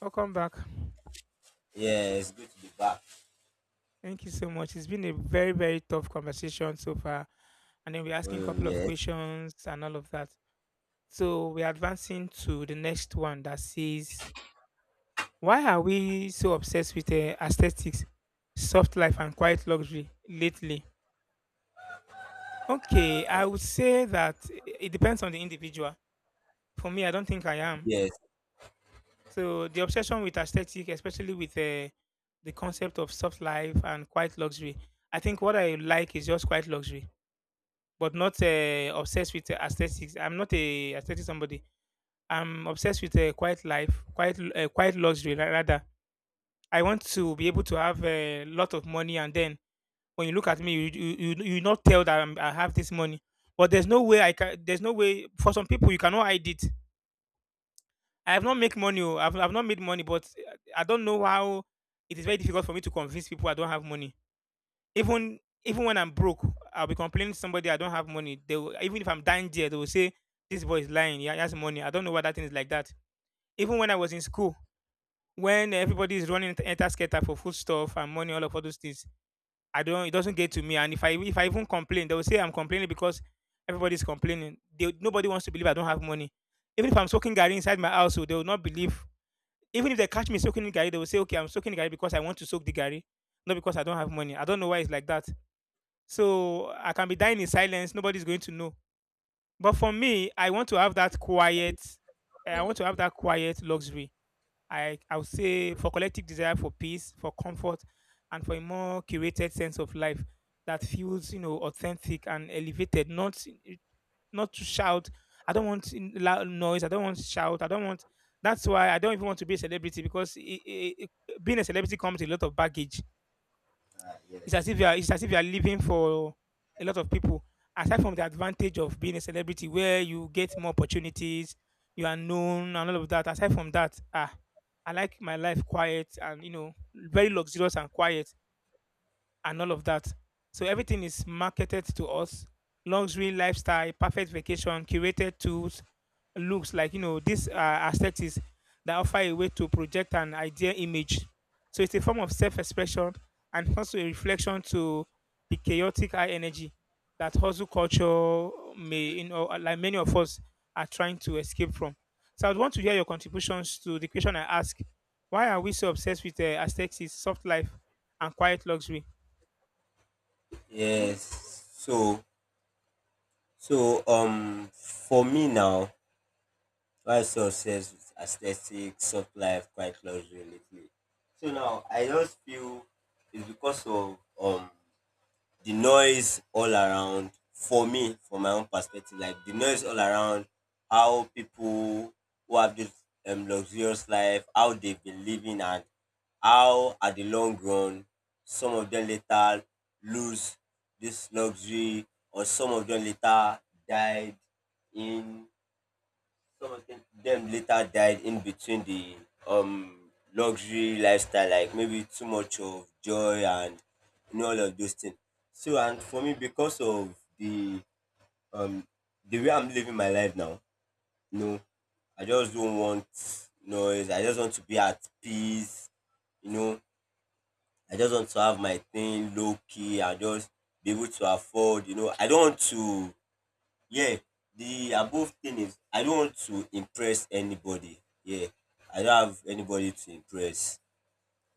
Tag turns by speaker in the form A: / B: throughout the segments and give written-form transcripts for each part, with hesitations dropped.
A: Welcome back.
B: Yes, go to the back.
A: Thank you so much. It's been a very, very tough conversation so far. And then we're asking a
B: Oh
A: couple of
B: yes,
A: questions and all of that. So we're advancing to the next one that says, why are we so obsessed with aesthetics, soft life, and quiet luxury lately? Okay, I would say that it depends on the individual. For me, I don't think I am.
B: yes.
A: So the obsession with aesthetic, especially with the concept of soft life and quiet luxury, I think what I like is just quiet luxury but not obsessed with aesthetics. I'm not a aesthetic somebody. I'm obsessed with a quiet life, quiet, quiet luxury rather. I want to be able to have a lot of money, and then when you look at me, you not tell that I have this money. But there's no way I can. There's no way for some people you cannot hide it. I have not make money. Oh, I've not made money, but I don't know how. It is very difficult for me to convince people I don't have money. Even when I'm broke, I'll be complaining to somebody I don't have money. They will, even if I'm dying there, they will say this boy is lying. Yeah, he has money. I don't know why that thing is like that. Even when I was in school, when everybody is running enter skater for food stuff and money, all of all those things, I don't. It doesn't get to me. And if I even complain, they will say I'm complaining because everybody's complaining. They, nobody wants to believe I don't have money. Even if I'm soaking gari inside my house, so they will not believe. Even if they catch me soaking in gari, they will say, "Okay, I'm soaking gari because I want to soak the gari, not because I don't have money." I don't know why it's like that. So I can be dying in silence. Nobody's going to know. But for me, I want to have that quiet. I want to have that quiet luxury. I would say for collective desire for peace, for comfort, and for a more curated sense of life that feels, you know, authentic and elevated. Not not to shout. I don't want loud noise. I don't want shout. I don't want. That's why I don't even want to be a celebrity because being a celebrity comes with a lot of baggage.
B: Ah,
A: it's as
B: yes.
A: if you are it's as if you are living for a lot of people. Aside from the advantage of being a celebrity where you get more opportunities, you are known and all of that. Aside from that, ah, I like my life quiet and, you know, very luxurious and quiet and all of that. So everything is marketed to us. Luxury lifestyle, perfect vacation, curated tools, looks like, you know, these aesthetics that offer a way to project an ideal image. So it's a form of self-expression and also a reflection to the chaotic high energy that hustle culture may, you know, like many of us are trying to escape from. So I'd want to hear your contributions to the question I ask: why are we so obsessed with aesthetics, soft life, and quiet luxury?
B: Yes. For me now, my success with aesthetic, soft life, quite luxury lately. So now I just feel it's because of the noise all around. For me, from my own perspective, like the noise all around, how people who have this luxurious life, how they've been living, and how at the long run, some of them later lose this luxury, or some of them later died in some of them later died in between the um luxury lifestyle, like maybe too much of joy and you know all of those things. So and for me, because of um the way I'm living my life now, you know, I just don't want noise. I just want to be at peace. You know, I just want to have my thing low key. I just be able to afford, you know. I don't want to. Yeah, the above thing is I don't want to impress anybody. Yeah, I don't have anybody to impress.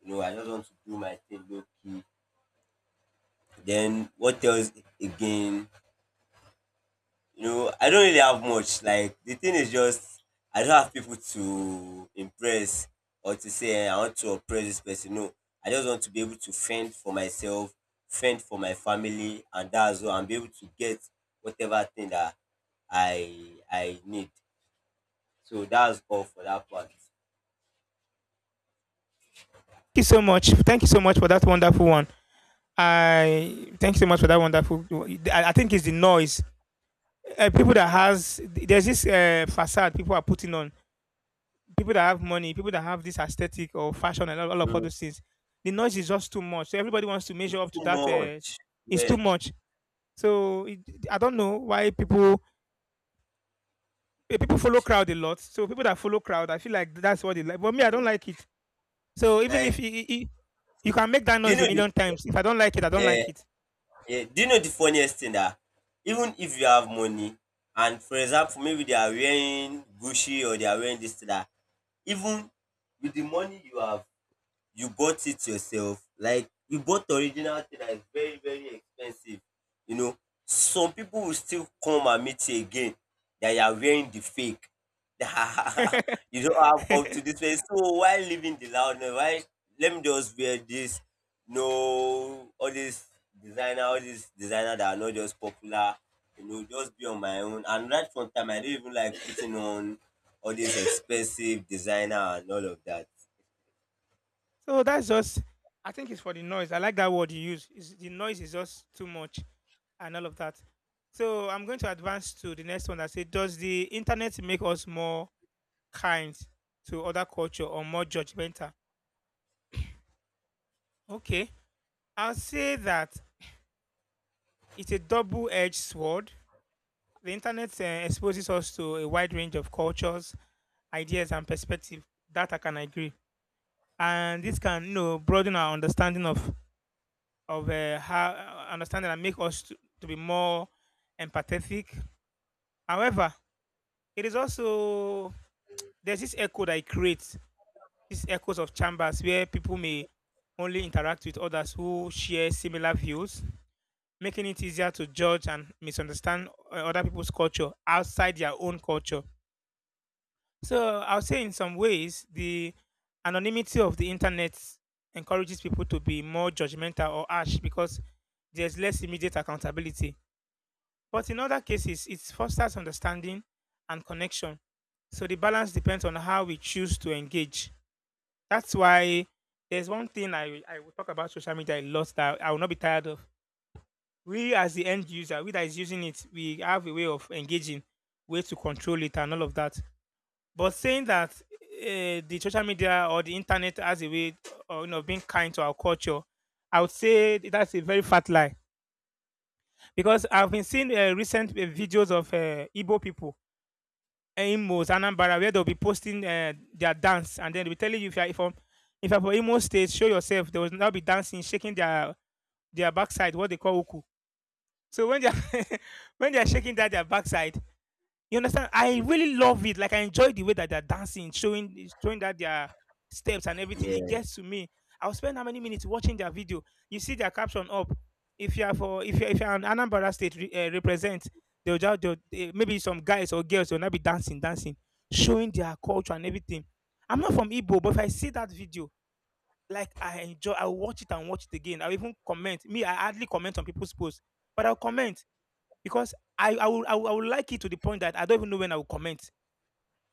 B: You know, I just want to do my thing low key. Then what else again? You know, I don't really have much. Like the thing is just I don't have people to impress or to say, "Eh, I want to oppress this person." No, I just want to be able to fend for myself, fend for my family, and that's all. And be able to get whatever thing that I need. So that's all for that part.
A: You so much. Thank you so much for that wonderful one. I thank you so much for that wonderful. I think it's the noise. People that
B: Mhm.
A: has there's this facade people are putting on. People that have money, people that have this aesthetic or fashion and all of all
B: Mm,
A: those things. The noise is just too much. So everybody wants to measure
B: too
A: up to that.
B: much.
A: It's
B: Yeah.
A: too much. So it, I don't know why people people follow crowd a lot. So people that follow crowd, I feel like that's what they like. But me, I don't like it. So even if
B: Like,
A: you, you can make that
B: do you
A: noise
B: know
A: a
B: the
A: million times, if I don't like it, I don't
B: uh,
A: like it.
B: yeah, do you know the funniest thing that even if you have money, and for example maybe they are wearing Gucci, or they are wearing this thing that even with the money you have, you bought it yourself, like you bought the original thing that is very very expensive, you know, some people will still come and meet you again that you are wearing the fake. You don't have up to this way, so why living the loudness? Why, let me just wear this, no, all this designer, all this designer that are not just popular, you know, just be on my own. And right from time I don't even like putting on all this expensive designer and all of that.
A: So that's just, I think it's for the noise. I like that word you use. It's, the noise is just too much and all of that. So I'm going to advance to the next one that say, does the internet make us more kind to other culture or more judgmental? Okay, I'll say that it's a double-edged sword. The internet exposes us to a wide range of cultures, ideas, and perspectives. That I can agree, and this can, you know, broaden our understanding of how understanding and make us to be more empathetic. However, it is also there's this echo that it creates, these echoes of chambers where people may only interact with others who share similar views, making it easier to judge and misunderstand other people's culture outside their own culture. So I'll say in some ways the anonymity of the internet encourages people to be more judgmental or harsh because there's less immediate accountability. But in other cases, it fosters understanding and connection. So the balance depends on how we choose to engage. That's why there's one thing I will talk about social media a lot that I will not be tired of. We, as the end user, we that is using it, we have a way of engaging, way to control it, and all of that. But saying that the social media or the internet has a way of, you know, being kind to our culture, I would say that's a very fat lie because I've been seeing recent videos of Igbo people, Imo's Anambra, where they'll be posting their dance, and then they'll be telling you if you're from Imo State, show yourself. They will now be dancing, shaking their backside, what they call uku. So when they're when they're shaking that their backside, you understand? I really love it. Like I enjoy the way that they're dancing, showing that their steps and everything. It
B: Yeah.
A: gets to me. I'll spend how many minutes watching their video. You see their caption up. If you are for if you're an Anambra state represent, they'll just they'll, eh, maybe some guys or girls will not be showing their culture and everything. I'm not from Igbo, but if I see that video, like I enjoy, I'll watch it and watch it again. I'll even comment. Me, I hardly comment on people's posts, but I'll comment because I would like it to the point that I don't even know when I will comment.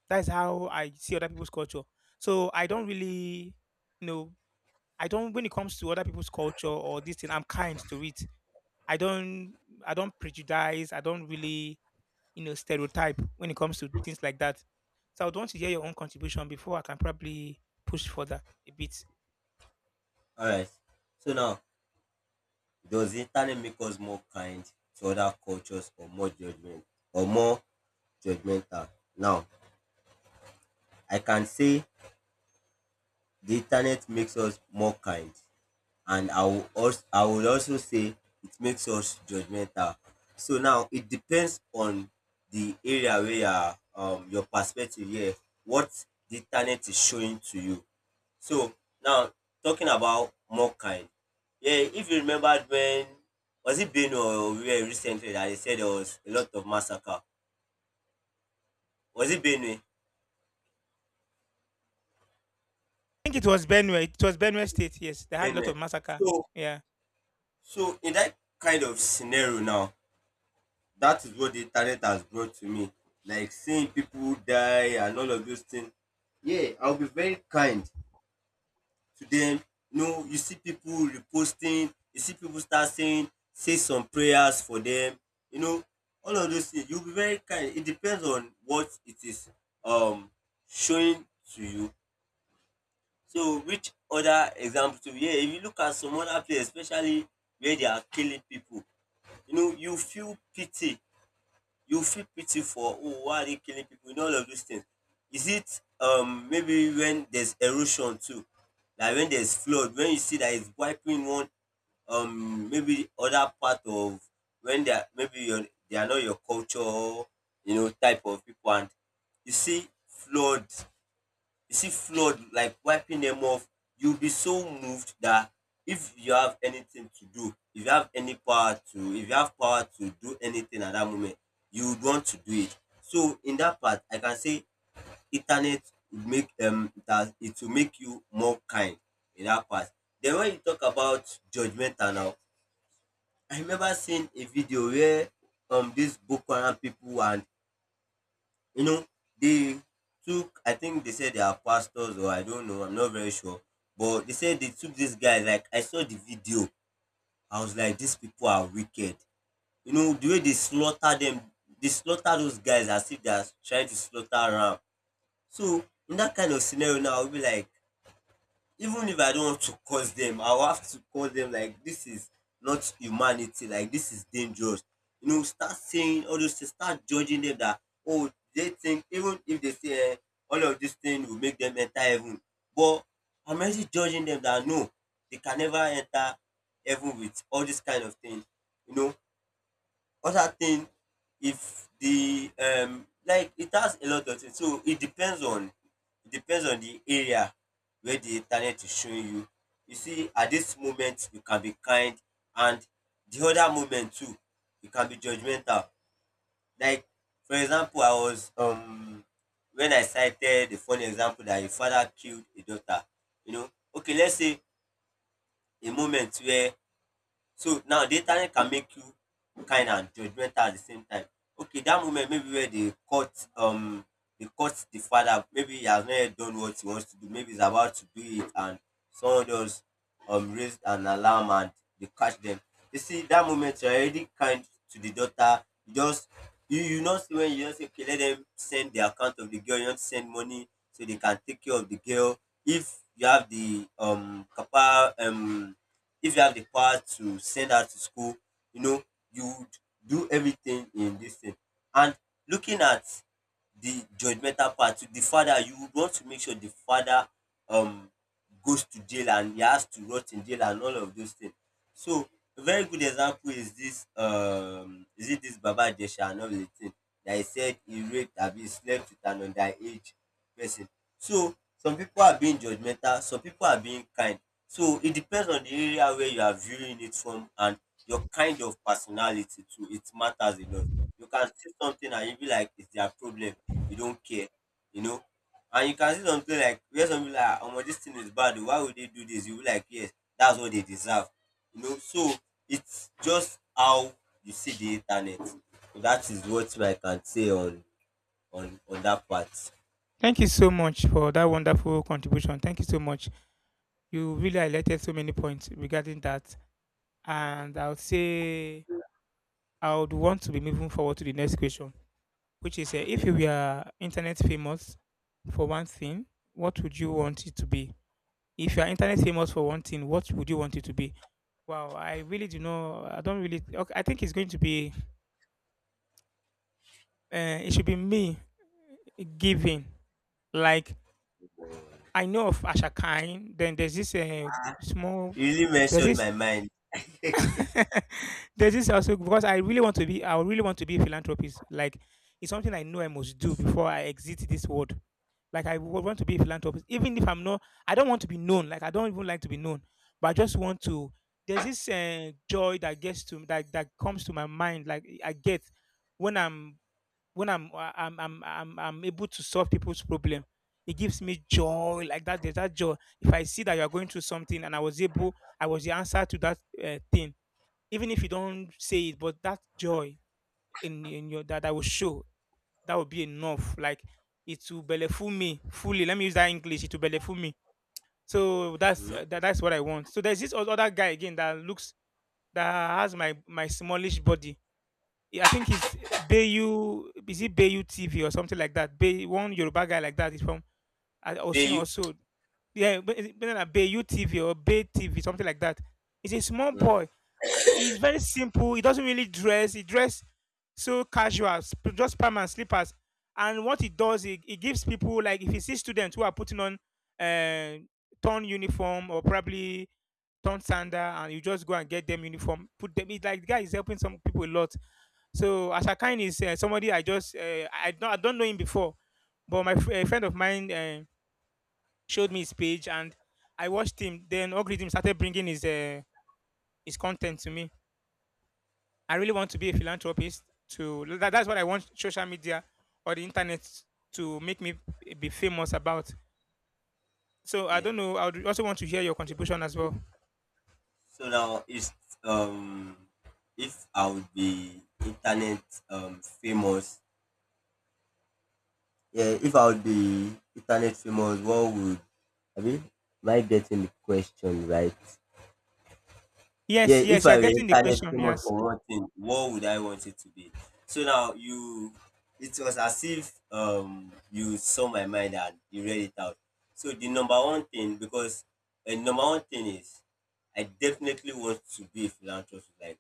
A: That's how I see other people's culture. So I don't really, you know, I don't when it comes to other people's culture or this thing, I'm kind to it. I don't I don't prejudice. I don't really, you know, stereotype when it comes to things like that. So I would want to hear your own contribution before I can probably push further a bit.
B: Alright. So now, does the internet make us more kind to other cultures, or more judgment, or more judgmental? Now, I can say the internet makes us more kind, and I will also say it makes us judgmental. So now it depends on the area where you are, your perspective here, what the internet is showing to you. So now, talking about Morkind, yeah, if you remember when, was it Benue or where recently that they said there was a lot of massacre? Was it Benue?
A: I think it was Benue. It was Benue State. Yes, they had a lot of
B: Benue.
A: massacre.
B: So
A: Yeah.
B: so in that kind of scenario now, that is what the internet has brought to me. Like seeing people die and all of those things. Yeah, I'll be very kind to them. You know, you see people reposting, you see people start saying, say some prayers for them. You know, all of those things. You'll be very kind. It depends on what it is um showing to you. So which other example to, yeah, if you look at some other place, especially where they are killing people, you know, you feel pity for, "Oh, why are they killing people?" You know, all of those things. Is it maybe when there's erosion too? Like when there's flood, when you see that it's wiping one maybe other part of, when they are maybe your, they are not your culture, you know, type of people, and you see flood you see flood like wiping them off, you'll be so moved that if you have anything to do, if you have any power to, if you have power to do anything at that moment, you would want to do it. So in that part, I can say internet would make that it will make you more kind in that part. Then when you talk about judgmental now, I remember seeing a video where these Boko Haram people and, you know, they took, I think they said they are pastors or I don't know, I'm not very sure. But they said they took these guys, like, I saw the video. I was like, these people are wicked. You know, the way they slaughter them, they slaughter those guys as if they are trying to slaughter ram. So, in that kind of scenario now, I'll be like, even if I don't want to curse them, I will have to call them, like this is not humanity, like this is dangerous. You know, start saying all those things, start judging them that, oh, they think, even if they say all of this thing will make them enter heaven, but I'm already judging them that no, they can never enter heaven with all this kind of thing, you know. Other thing, if the like it has a lot of things, so it depends on the area where the internet is showing you. You see, at this moment you can be kind, and the other moment too you can be judgemental. Like for example, I was when I cited the funny example that a father killed a daughter, you know, okay, let's say a moment where, so now the internet can make you kind and judgmental at the same time. Okay, that moment maybe where they cut the father, maybe he has not yet done what he wants to do, maybe he's about to do it, and someone else raised an alarm, and they catch them. You see that moment you're already kind to the daughter. You just, you know, see, when you just say, okay, let them send the account of the girl, you want to send money so they can take care of the girl. If you have the capa if you have the power to send her to school, you know, you would do everything in this thing. And looking at the judgmental part to the father, you would want to make sure the father um goes to jail, and he has to rot in jail and all of those things. So a very good example is this, is it this Baba Ijesha and all the thing that he said he raped, abi he slept with an underage person. So some people are being judgmental, some people are being kind. So it depends on the area where you are viewing it from, and your kind of personality too. It matters a lot. You can see something and you be like, it's their problem. You don't care, you know. And you can see something like where some people are, oh, this thing is bad. Oh, why would they do this? You be like, yes, that's what they deserve, you know. So it's just how you see the internet. So that is what I can say on on that part.
A: Thank you so much for that wonderful contribution. Thank you so much. You really highlighted so many points regarding that, and I would say I would want to be moving forward to the next question, which is if
B: Okay.
A: you were internet famous for one thing, what would you want it to be? If you are internet famous for one thing, what would you want it to be? Wow, I really do know. I don't really. Okay, I think it's going to be. It should be me giving. Like I know of Asha Khan. Then there's this small.
B: You really
A: There's
B: mentioned
A: this
B: my mind.
A: there's this also because I really want to be a philanthropist. Like it's something I know I must do before I exit this world. Like I would want to be a philanthropist, even if I'm not. I don't want to be known. Like I don't even like to be known, but I just want to. There's this joy that gets to that that comes to my mind. Like I get when I'm I'm able to solve people's problem. It gives me joy like that. There's that joy. If I see that you are going through something and I was able, I was the answer to that thing even if you don't say it, but that joy in your that I will show that will be enough. Like it will belleful me fully. Let me use that English. It will belleful me. So that's
B: Mm.
A: that's what I want. So there's this other guy again that looks that has my my smallish body. He- I think he's Bayu. Is it Bayu TV or something like that? Bay, one Yoruba guy like that is from
B: May
A: Osun
B: you?
A: also, yeah, but is it better than Bay UTV or Bay TV, something like that. He's a small
B: Mm.
A: boy. I- He's very simple. He doesn't really dress. He dress so casual, just pants and slippers. And what he does, he gives people like if he sees students who are putting on uh, torn uniform or probably torn sander, and you just go and get them uniform, put them. It's like the guy is helping some people a lot. So Ashakine is somebody I just I don't know him before, but a friend of mine showed me his page and I watched him. Then algorithm started bringing his content to me. I really want to be a philanthropist. To that, that's what I want social media or the internet to make me be famous about. So I
B: Yeah.
A: don't know. I would also want to hear your contribution as well.
B: So now it's, um if I would be internet famous. Yeah, if I would be internet famous, what would I mean? Am I getting the question right? Yeah,
A: Yes,
B: if
A: yes, you are
B: I were
A: getting the
B: internet
A: question.
B: famous
A: Yes,
B: for one thing, what would I want it to be? So now you, it was as if you saw my mind and you read it out. So the number one thing, because number one thing is, I definitely want to be a philanthropist. Like,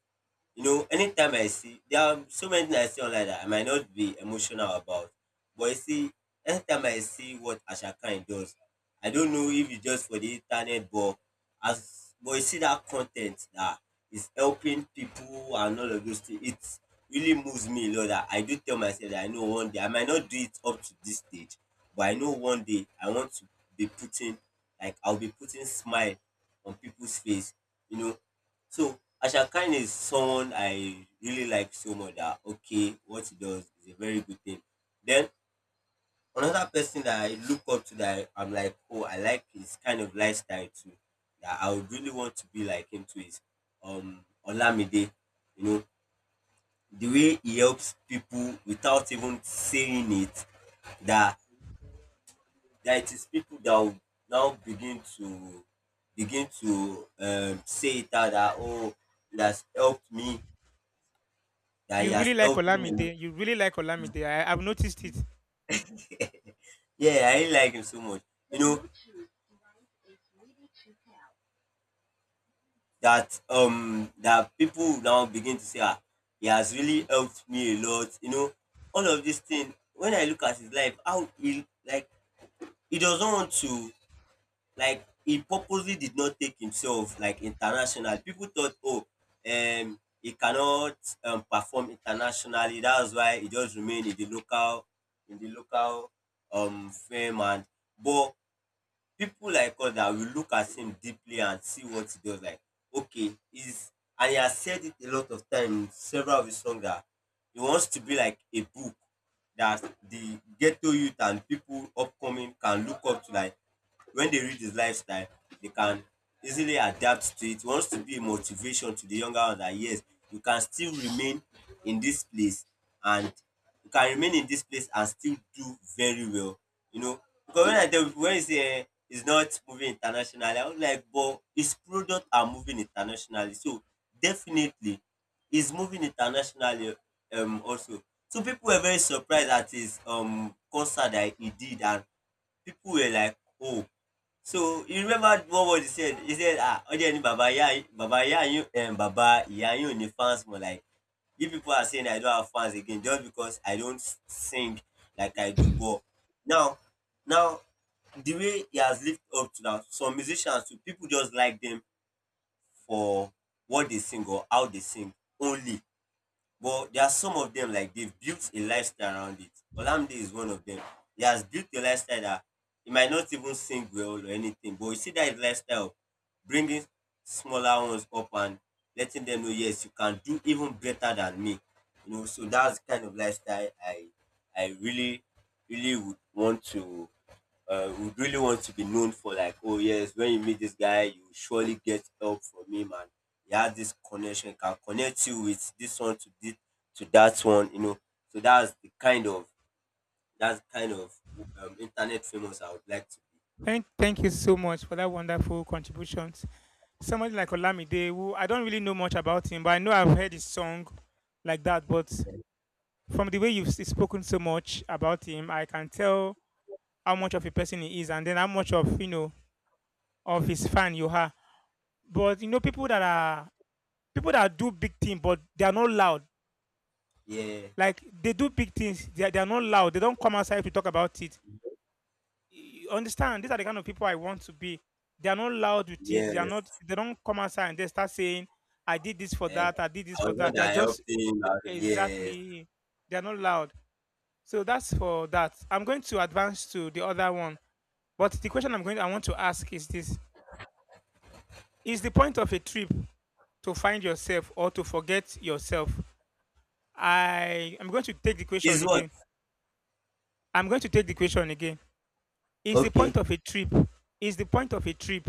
B: you know, anytime I see, there are so many things I see online that I might not be emotional about. But you see, anytime I see what Asha Khan does, I don't know if it's just for the internet, but as, but you see that content that is helping people and all of those things, it really moves me a lot. That I do tell myself that I know one day I might not do it up to this stage, but I know one day I want to be putting, like I'll be putting smile on people's face. You know, so Asha Khan is someone I really like so much that, okay, what he does is a very good thing. Then another person that I look up to that I am like, oh, I like his kind of lifestyle too. That I would really want to be like him too is Olamide. You know, the way he helps people without even saying it, that that it is people that will now begin to say it out that, oh, it has helped me, that he
A: you really
B: has
A: like
B: helped me a lot.
A: Olamide. You really like Olamide. I've noticed it.
B: Yeah, I really like him so much. You know that people now begin to say, ah, he has really helped me a lot. You know all of this thing. When I look at his life, how he he doesn't want to, like, he purposely did not take himself like international. People thought, oh, he cannot perform internationally. That's why he just remained in the local, in the local fame. And but people like us that will look at him deeply and see what he does. Like, okay, is, and he has said it a lot of times, several of his songs, that he wants to be like a book that the ghetto youth and people upcoming can look up to. Like, when they read his lifestyle, they can easily adapt to it. He wants to be a motivation to the younger ones, that yes, you can still remain in this place and you can remain in this place and still do very well. You know, because when I tell people, when you say, eh, it's not moving internationally, I was like, but his product are moving internationally. So definitely is moving internationally also. So people were very surprised at his concert that he did, and people were like, oh. So you remember what was he said? He said, ah, Ọjọ́ ni Baba Iya, Baba Iya yín, Baba Ìyá yín ò ní fans more. Like, you people are saying I don't have fans again just because I don't sing like I do. But now, now, the way he has lived up to now, some musicians, too, people just like them for what they sing or how they sing only. But there are some of them, like, they've built a lifestyle around it. Olamide is one of them. He has built a lifestyle that he might not even sing well or anything, but you see that his lifestyle of bringing smaller ones up and letting them know, yes, you can do even better than me. You know, so that's the kind of lifestyle I really really would want to be known for. Like, oh yes, when you meet this guy, you will surely get help from him, and he has this connection, he can connect you with this one to this to that one, you know. So that's the kind of that's the kind of internet famous I would like to
A: Thank you so much for that wonderful contribution. Somebody like Olamide, who I don't really know much about him, but I know I've heard his song like that. But from the way you've spoken so much about him, I can tell how much of a person he is, and then how much of, you know, of his fan you are. But you know, people that are people that do big things, but they are not loud.
B: be. Yeah,
A: Like they do big things, they are not loud. They don't come outside to talk about it. You understand these are the kind of people I want to be. They are not loud with it. They are not.
B: yes.
A: They don't come outside and they start saying, "I did this for
B: And
A: that. I did this
B: I
A: for
B: was the one
A: that." They are
B: that
A: just
B: helped him. I was- yes,
A: exactly. They are not loud. So that's for that. I'm going to advance to the other one. But the question I want to ask is this: is the point of a trip to find yourself or to forget yourself? I am going to take the question
B: is what.
A: again. I'm going to take the question again. Is the point
B: Okay.
A: of a trip is the point of a trip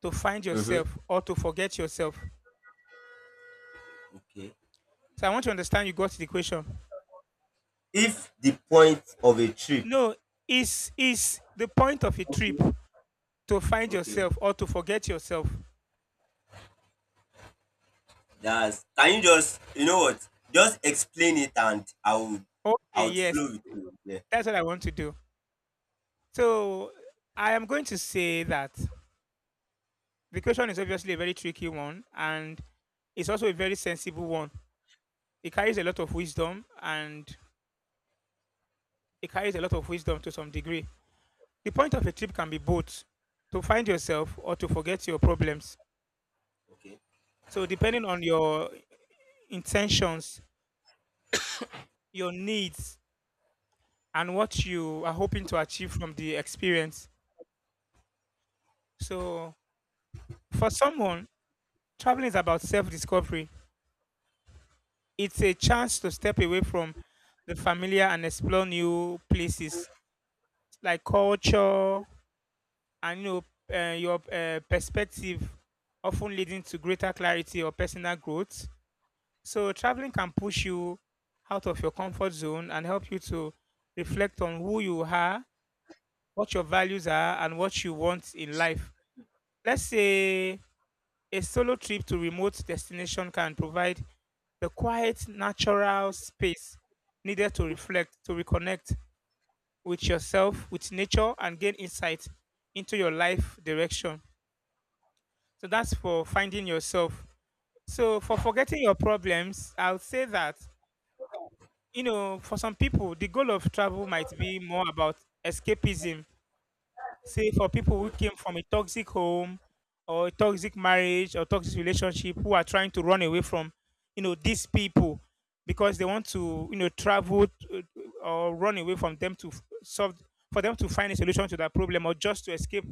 A: to find
B: Mm-hmm.
A: yourself or to forget yourself?
B: Okay.
A: So I want to understand you got the question.
B: If the point of a trip.
A: No, is the point of a trip to find
B: Okay.
A: yourself or to forget yourself?
B: That's, can you just, you know what? Just explain it and I would I
A: Okay,
B: would
A: yes,
B: flow with you. Yeah.
A: that's what I want to do. So I am going to say that the question is obviously a very tricky one, and it's also a very sensible one. It carries a lot of wisdom, and it carries a lot of wisdom to some degree. The point of a trip can be both to find yourself or to forget your problems.
B: Okay.
A: So, depending on your intentions, your needs, and what you are hoping to achieve from the experience. So, for someone, traveling is about self discovery. It's a chance to step away from the familiar and explore new places like culture and, you know, your perspective, often leading to greater clarity or personal growth. So traveling can push you out of your comfort zone and help you to reflect on who you are, what your values are, and what you want in life. Let's say a solo trip to remote destination can provide the quiet, natural space needed to reflect, to reconnect with yourself, with nature, and gain insight into your life direction. So that's for finding yourself. So for forgetting your problems, I'll say that, you know, for some people, the goal of travel might be more about escapism. Say, for people who came from a toxic home or a toxic marriage or toxic relationship who are trying to run away from, you know, these people because they want to, you know, travel to, or run away from them to solve, for them to find a solution to that problem or just to escape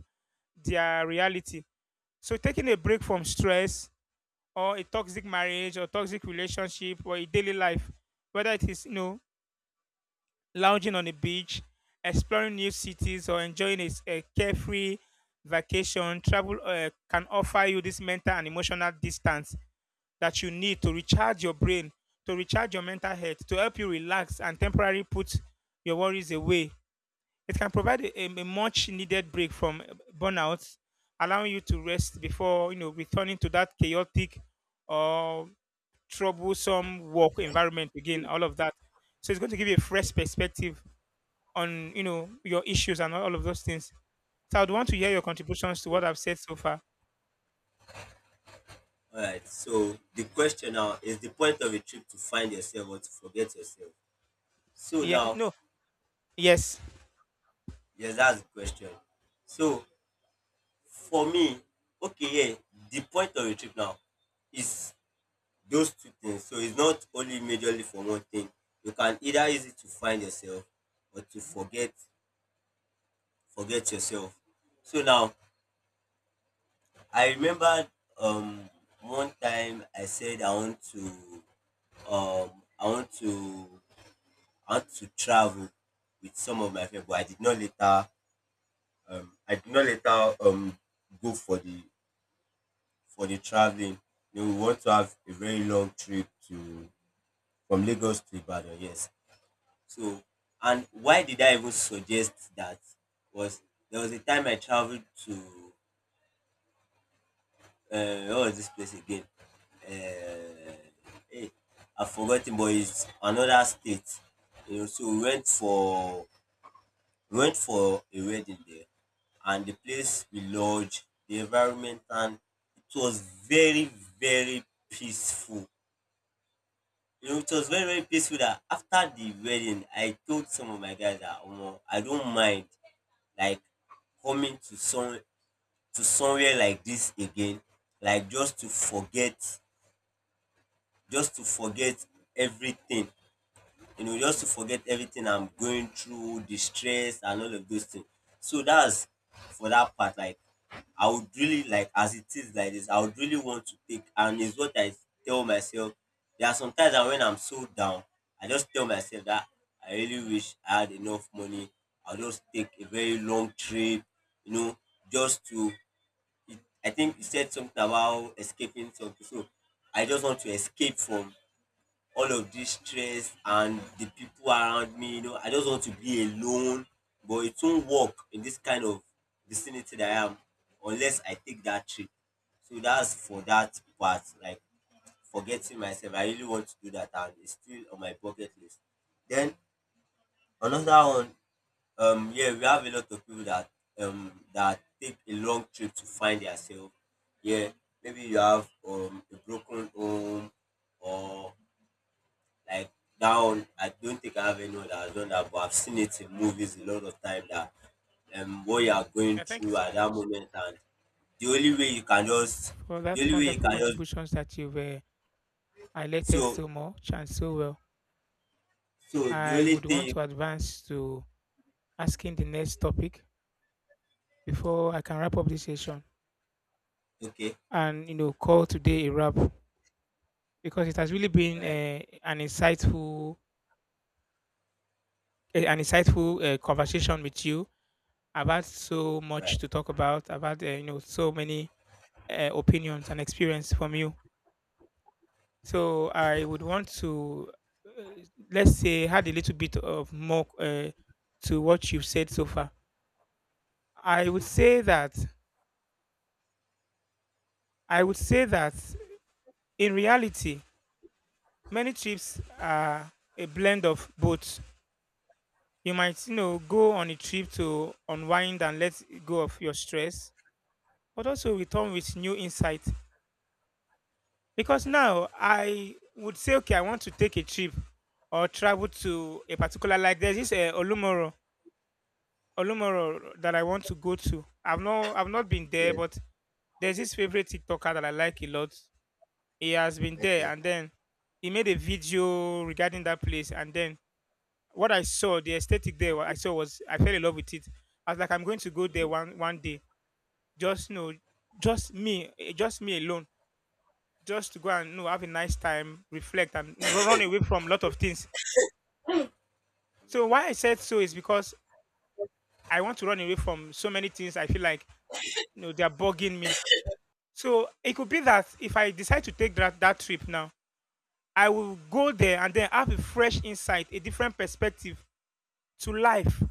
A: their reality. So, taking a break from stress or a toxic marriage or toxic relationship or a daily life, whether it is, you know, lounging on the beach, exploring new cities, or enjoying a, a carefree vacation, travel can offer you this mental and emotional distance that you need to recharge your brain, to recharge your mental health, to help you relax and temporarily put your worries away. It can provide a, much needed break from burnout, allowing you to rest before, you know, returning to that chaotic or troublesome work environment again. All of that. So it's going to give you a fresh perspective on, you know, your issues and all of those things. So I'd want to hear your contributions to what I've said so far.
B: Alright. So the question now is the point of a trip to find yourself or to forget yourself. So
A: Yeah,
B: now,
A: no, yes.
B: yes, that's the question. So for me, okay, yeah, the point of a trip now is those two things. So it's not only majorly for one thing. You can either use it to find yourself or to forget yourself. So now I remember um one time I said I want to um I want to travel with some of my friends, but I did not later um I did not later um go for the traveling. You know, we want to have a very long trip to from Lagos to Ibadan, yes. So, and why did I even suggest that, was there was a time I traveled to, what was this place again? Uh, hey, I've forgotten, but it's another state. You know, so we went for a wedding there, and the place we lodged, the environment, and it was very very peaceful. You know, it was very very peaceful. That after the wedding, I told some of my guys that, "Omo, I don't mind, like, coming to somewhere like this again, like just to forget, just to forget everything, you know, just to forget everything I'm going through, the stress and all of those things. So that's for that part. Like, I would really like, as it is like this, I would really want to take, and it's what I tell myself. There are some times that when I'm so down, I just tell myself that I really wish I had enough money. I'll just take a very long trip, you know, just to. It, I think you said something about escaping something. So I just want to escape from all of this stress and the people around me, you know, I just want to be alone. But it won't work in this kind of vicinity that I am, unless I take that trip. So that's for that part, like forgetting myself. I really want to do that and it's still on my bucket list. Then another one, yeah, we have a lot of people that take a long trip to find themselves. Yeah, maybe you have a broken home or like, that one, I don't think I have anyone that has done that, but I've seen it in movies a lot of time. That what you are going
A: Yeah, thank you
B: through
A: so
B: at that
A: much
B: moment, and the only way you can just
A: for
B: the
A: that
B: only way you
A: wonderful
B: can just
A: contributions that you've highlighted
B: so
A: so much and so well.
B: so the
A: I
B: only
A: would want
B: thing,
A: to advance to asking the next topic before I can wrap up this session
B: okay,
A: and, you know, call today a wrap because it has really
B: all
A: been
B: right,
A: an insightful, eh, an insightful conversation with you. I've had so
B: all
A: much
B: right.
A: to talk about. I've had you know, so many opinions and experience from you. So I would want to, uh, let's say, add a little bit of more to what you've said so far. I would say that I would say that in reality, many trips are a blend of both. You might, you know, go on a trip to unwind and let go of your stress, but also return with new insight. Because now I would say, okay, I want to take a trip or travel to a particular, like there's this Olumoro, Olumoro that I want to go to. I've not been there,
B: Yes.
A: but there's this favorite TikToker that I like a lot. He has been there,
B: Okay.
A: and then he made a video regarding that place, and then what I saw, the aesthetic there what I saw was I fell in love with it. I was like, I'm going to go there one one day. Just, you know, just me, eh, just me alone. Just to go and, you know, have a nice time, reflect, and run away from a lot of things. So why I said so is because I want to run away from so many things. I feel like, you know, they are bugging me. So it could be that if I decide to take that trip now, I will go there and then have a fresh insight, a different perspective to life.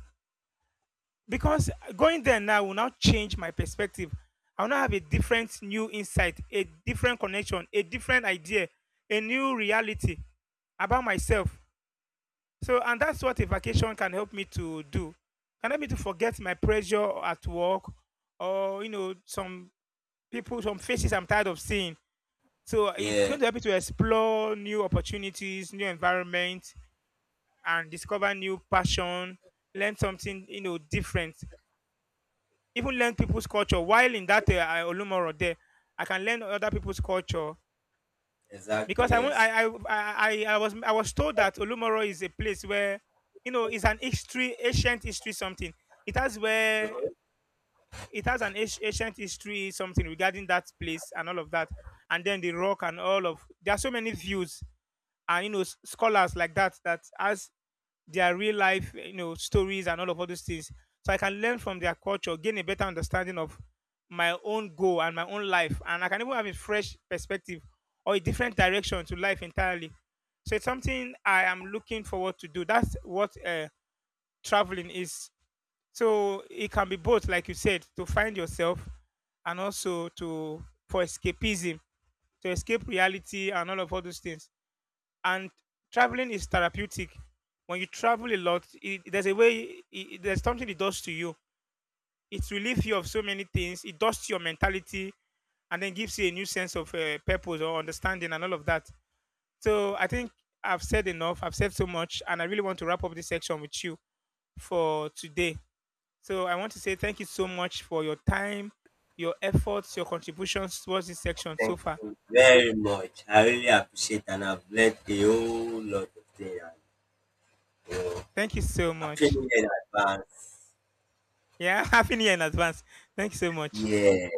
A: Because going there now will now change my perspective. I will now have a different new insight, a different connection, a different idea, a new reality about myself. So, and that's what a vacation can help me to do. Can help me to forget my pressure at work or, you know, some people, some faces I'm tired of seeing. So it's
B: Yeah,
A: going to help me to explore new opportunities, new environment, and discover new passion, learn something, you know, different. Even learn people's culture. While in that Olumoro there, I can learn other people's culture
B: exactly,
A: because I, want-
B: yes.
A: I was told that Olumoro is a place where, you know, it's an history, ancient history something. It has where it has an ancient ancient history something regarding that place and all of that, and then the rock and all of there are so many views and, you know, scholars like that that has their real life, you know, stories and all of all those things. So I can learn from their culture, gain a better understanding of my own goal and my own life, and I can even have a fresh perspective or a different direction to life entirely. So it's something I am looking forward to do. That's what traveling is. So it can be both like you said, to find yourself and also to for escapism, to escape reality and all of all those things. And traveling is therapeutic. When you travel a lot, there's a way, there's something it does to you. It relieves you of so many things. It does to your mentality and then gives you a new sense of purpose or understanding and all of that. So I think I've said enough. I've said so much and I really want to wrap up this section with you for today. So I want to say thank you so much for your time, your efforts, your contributions towards this section so
B: Thank
A: far.
B: you very much. I really appreciate and I've learned a whole lot of things.
A: Thank you so
B: I've
A: much.
B: in advance.
A: Yeah, happy new year in advance. Thank you so much.
B: Yeah.